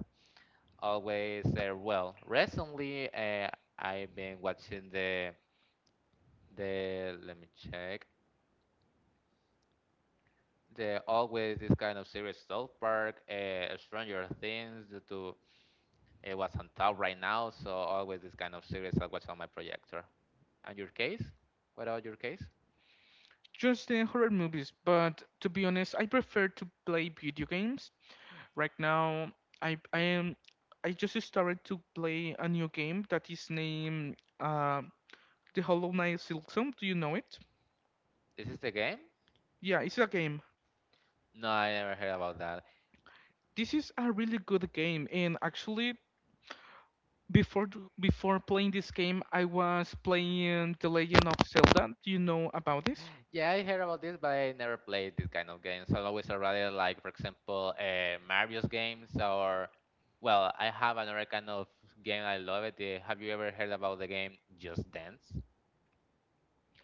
Always Recently, I've been watching the let me check the always this kind of series, South Park, Stranger Things, due to it was on top right now, so always this kind of series I watch on my projector. And your case? What about your case? Just the horror movies, but to be honest, I prefer to play video games. Right now, I I am I just started to play a new game that is named The Hollow Knight Silk. Do you know it? Is this the game? Yeah, it's a game. No, I never heard about that. This is a really good game, and actually, before before playing this game, I was playing The Legend of Zelda. Do you know about this? Yeah, I heard about this, but I never played this kind of games. I always rather like, for example, Mario's games, or, well, I have another kind of game I love it. Have you ever heard about the game Just Dance?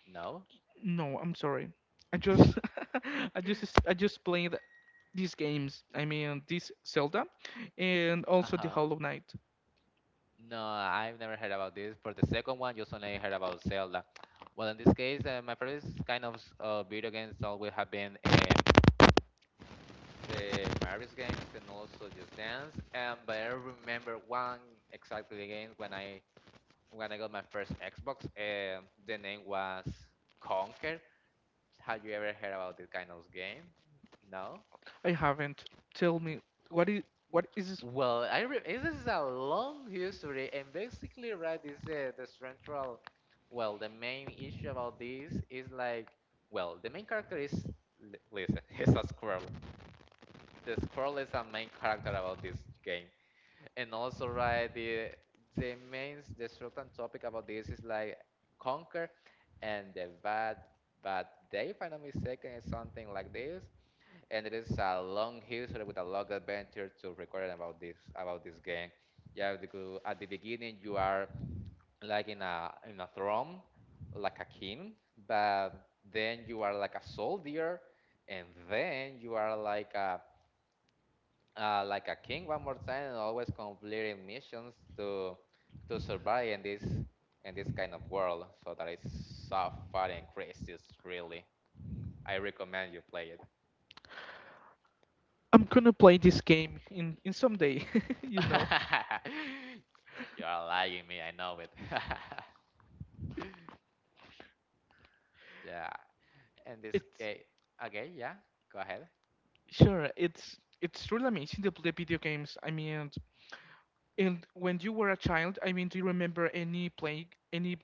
No. No, I'm sorry. I just [LAUGHS] [LAUGHS] I just played these games. I mean, this Zelda, and Uh also The huh. Hollow Knight. No, I've never heard about this. For the second one, just only heard about Zelda. Well, in this case, my first kind of video games always have been the Mario's games and also Just Dance. But I remember one exactly the game when I got my first Xbox. The name was Conquer. Have you ever heard about this kind of game? No. I haven't. Tell me, what is what is? Well, this is a long history, and basically, right, this the central, well, the main issue about this is like, well, the main character is, listen, [LAUGHS] he's a squirrel. The squirrel is a main character about this game, and also, right, the main the certain topic about this is like Conquer, and the bad day, if I'm not mistaken, is something like this, and it is a long history with a long adventure to record about this game. Yeah, at the at the beginning you are like in a throne, like a king, but then you are like a soldier, and then you are like a king one more time, and always completing missions to survive in this kind of world. So that is so fun and crazy. It's really, I recommend you play it. I'm gonna play this game in some day. [LAUGHS] You know, [LAUGHS] You are lying me. I know it. [LAUGHS] Yeah. In this it's case, okay. Yeah. Go ahead. sure. It's really amazing to play video games. I mean, and when you were a child, I mean, do you remember any play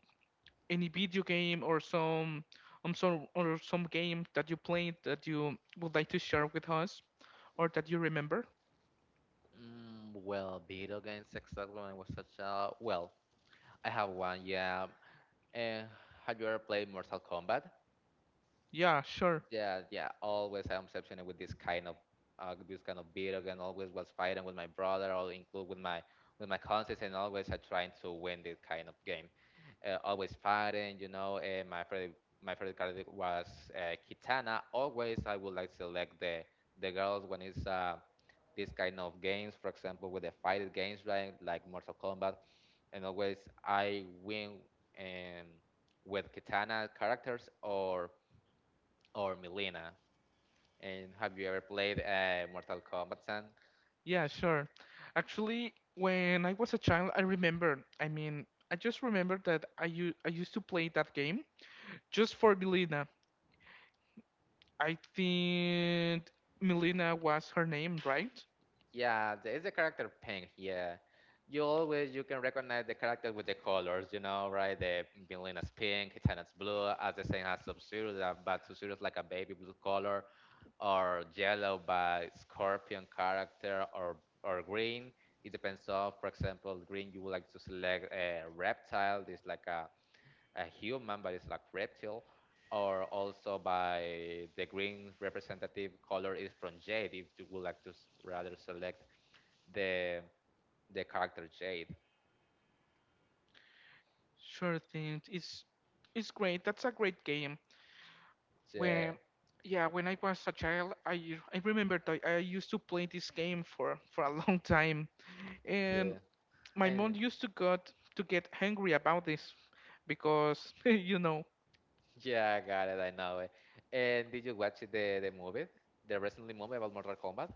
any video game or some or some game that you played that you would like to share with us, or that you remember? Well, video games exactly when I was such a well. I have one. Yeah. And have you ever played Mortal Kombat? Yeah, sure. Yeah. Yeah. Always I'm obsessed with this kind of video game. Always was fighting with my brother or include with my cousins, and always I trying to win this kind of game, always fighting, you know. And my favorite character was Kitana. Always, I would like select the girls when it's this kind of games, for example, with the fighting games, like Mortal Kombat. And always, I win um, with Kitana characters or Milena. And have you ever played Mortal Kombat, San? Yeah, sure. Actually, when I was a child, I remember. I mean, I just remember that I used to play that game just for Milena. I think Milena was her name, right? Yeah, there is a character pink. Yeah, you always you can recognize the character with the colors. You know, right? The villain is pink, Kitana's blue, as the same as Sub-Zero, but Sub-Zero is like a baby blue color, or yellow by Scorpion character, or green. It depends of, for example, green you would like to select a reptile. This like a human, but it's like reptile. Or also by the green representative color is from Jade, if you would like to rather select the the character Jade. Sure thing. It's great. That's a great game. Yeah, When yeah, when I was a child, I remember that I used to play this game for a [LAUGHS] long time, and the, my and mom used to got to get angry about this because [LAUGHS] you know. yeah, I got it. I know it. And did you watch the movie, the recently movie about Mortal Kombat?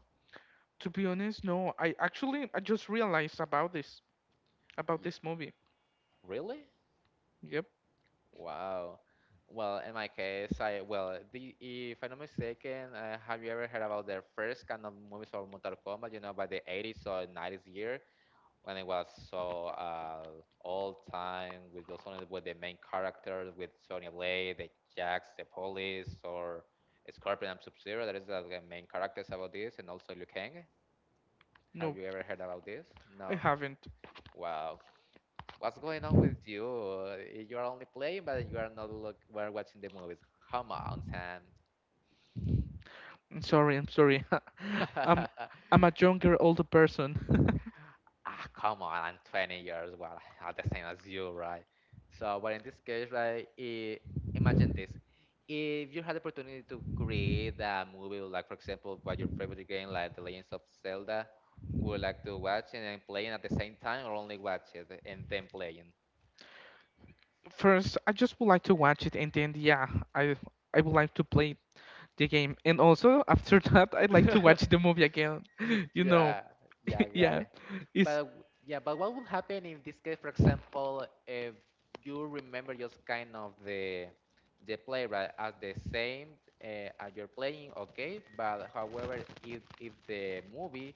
To be honest, no. I actually I just realized about this about Yeah. this movie. Really? Yep. Wow. Well, in my case, I well, the, if I'm not mistaken, have you ever heard about the first kind of movies for Mortal Kombat? You know, by the 80s or 90s year, when it was so old time with just only with the main characters with Sonya Blade, the Jax, the Police, or Scorpion and Sub Zero. That is the main characters about this, and also Liu Kang. Have No, you ever heard about this? I No. haven't. Wow. What's going on with you? You are only playing, but you are not look. We're watching the movies. Come on, Sam. I'm sorry. I'm sorry. [LAUGHS] I'm [LAUGHS] I'm a younger, older person. Come on, I'm 20 years, well, [LAUGHS] I'm the same as you, right? So, but in this case, right, I imagine this. If you had the opportunity to create a movie, like for example, what your favorite game, like The Legends of Zelda, would like to watch and then playing at the same time, or only watch it and then playing? [LAUGHS] First, I just would like to watch it, and then yeah, I I would like to play the game, and also after [LAUGHS] that, I'd like to watch [LAUGHS] [LAUGHS] the movie again. [LAUGHS] You know, Yeah, yeah, I [LAUGHS] got yeah, it. it's But but what would happen in this case, for example, if you remember just kind of the play right as the same as you're playing, okay? But however, if the movie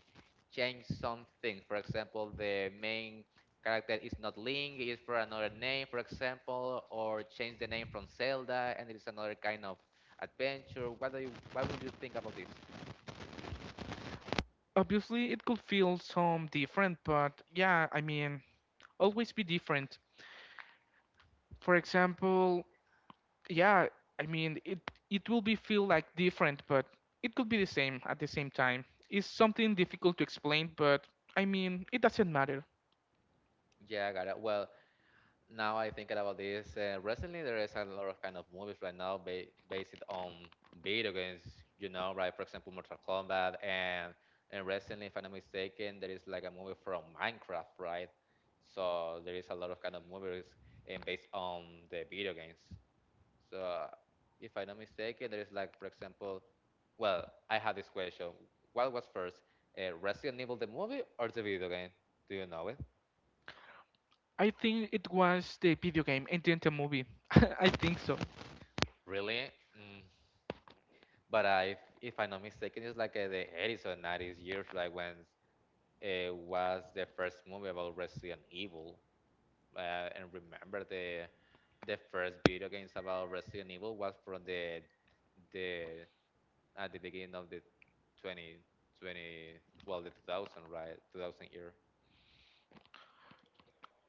change something, for example, the main character is not Link, is for another name, for example, or change the name from Zelda, and it is another kind of adventure. What would you think about this? obviously it could feel some different, but yeah, I mean, always be different. For example, yeah, I mean it will be feel like different, but it could be the same at the same time. It's something difficult to explain, but I mean, it doesn't matter. Yeah, I got it. Well, now I think about this. Recently, there is a lot of kind of movies right now based on video games. You know, right? For example, Mortal Kombat, and recently, if I'm not mistaken, there is like a movie from Minecraft, right? So there is a lot of kind of movies and based on the video games. So if I'm not mistaken, there is like, for example, well, I have this question. What was first, Resident Evil the movie or the video game? Do you know it? I think it was the video game and then the movie. [LAUGHS] I think so. Really? But if I'm not mistaken, it's like the 80s or 90s years, like when it was the first movie about Resident Evil. And remember the first video games about Resident Evil was from the at the beginning of the 2020, well, the 2000, right, 2000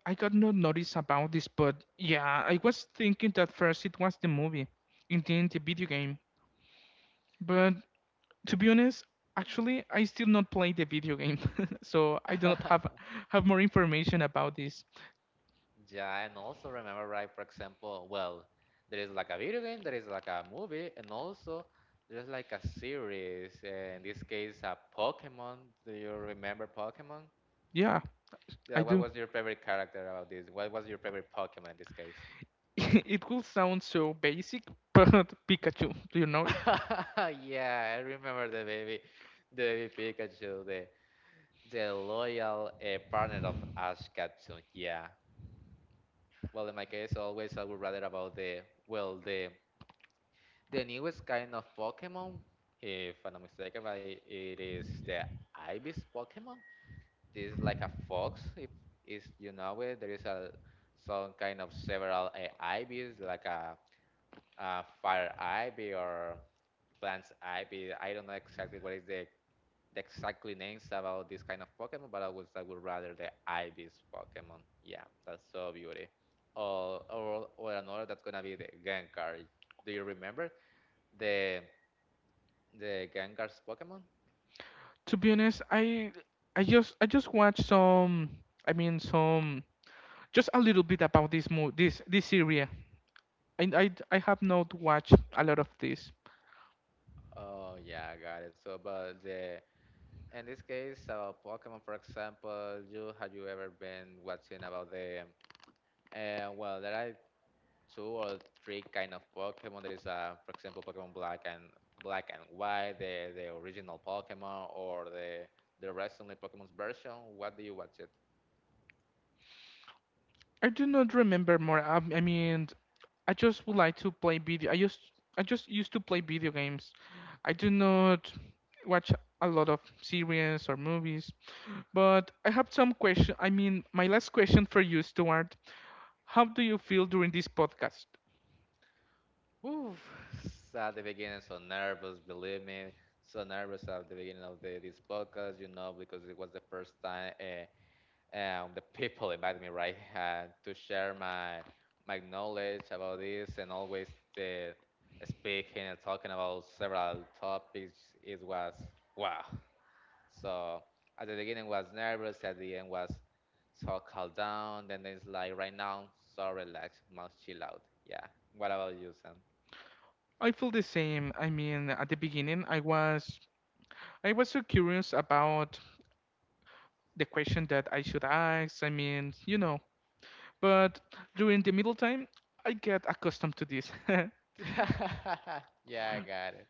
I got no notice about this, but yeah, I was thinking that first it was the movie and then the video game, but to be honest, actually I still not play the video game. [LAUGHS] So I do year. not [LAUGHS] have more information about this. Yeah, and also remember, right, for example, well, there is like a video game, there is like a movie, and also there's like a series. In this case, a Pokemon. Do you remember Pokemon? Yeah, Yeah, I what do. was your favorite character about this? What was your favorite Pokemon in this case? [LAUGHS] It will sound so basic, but [LAUGHS] Pikachu, do you know it? [LAUGHS] Yeah, I remember the baby Pikachu, the loyal partner of Ash Ketchum. Yeah. Well, in my case, always I would rather about the well the newest kind of Pokemon, if I'm not mistaken, right, it is the Ibis Pokemon. This is like a fox. If is you know it, there is a some kind of several Ibis, like a fire Ivy or plants Ivy. I don't know exactly what is the exactly names about this kind of Pokemon, but I would rather the Ibis Pokemon. Yeah, that's so beauty. Or another that's gonna be the Gengar. Do you remember the? The Gengar's Pokemon? To be honest, I just I just watched some, I mean some, just a little bit about this mo this this area. And I have not watched a lot of this. Oh yeah, I got it. So, but the in this case, Pokemon, for example, you have you ever been watching about the? Well, there are two or three kind of Pokemon. There is, for example, Pokemon Black and Black and White, the original Pokemon, or the recently Pokemon's version. What do you watch it? I do not remember more. I mean, I just would like to play video. I just used to play video games. I do not watch a lot of series or movies. But I have some question. I mean, my last question for you, Stuart. How do you feel during this podcast? Oof, [SIGHS] at the beginning, so nervous. Believe me, so nervous at the beginning of this podcast. You know, because it was the first time. The people invited me right [LAUGHS] to share my my knowledge about this and always uh, speaking and talking about several topics. It was wow. So at the beginning was nervous, at the end was so calm down, then it's like right now, so relaxed, must chill out. Yeah, what about you, Sam? I feel the same. I mean, at the beginning, I was so curious about the question that I should ask. I mean, you know, but during the middle time, I get accustomed to this. [LAUGHS] [LAUGHS] Yeah, I got it.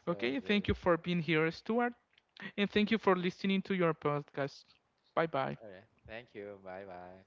So Okay, good. thank you for being here, Stuart, and thank you for listening to your podcast. Bye bye. All right. Thank you. Bye bye.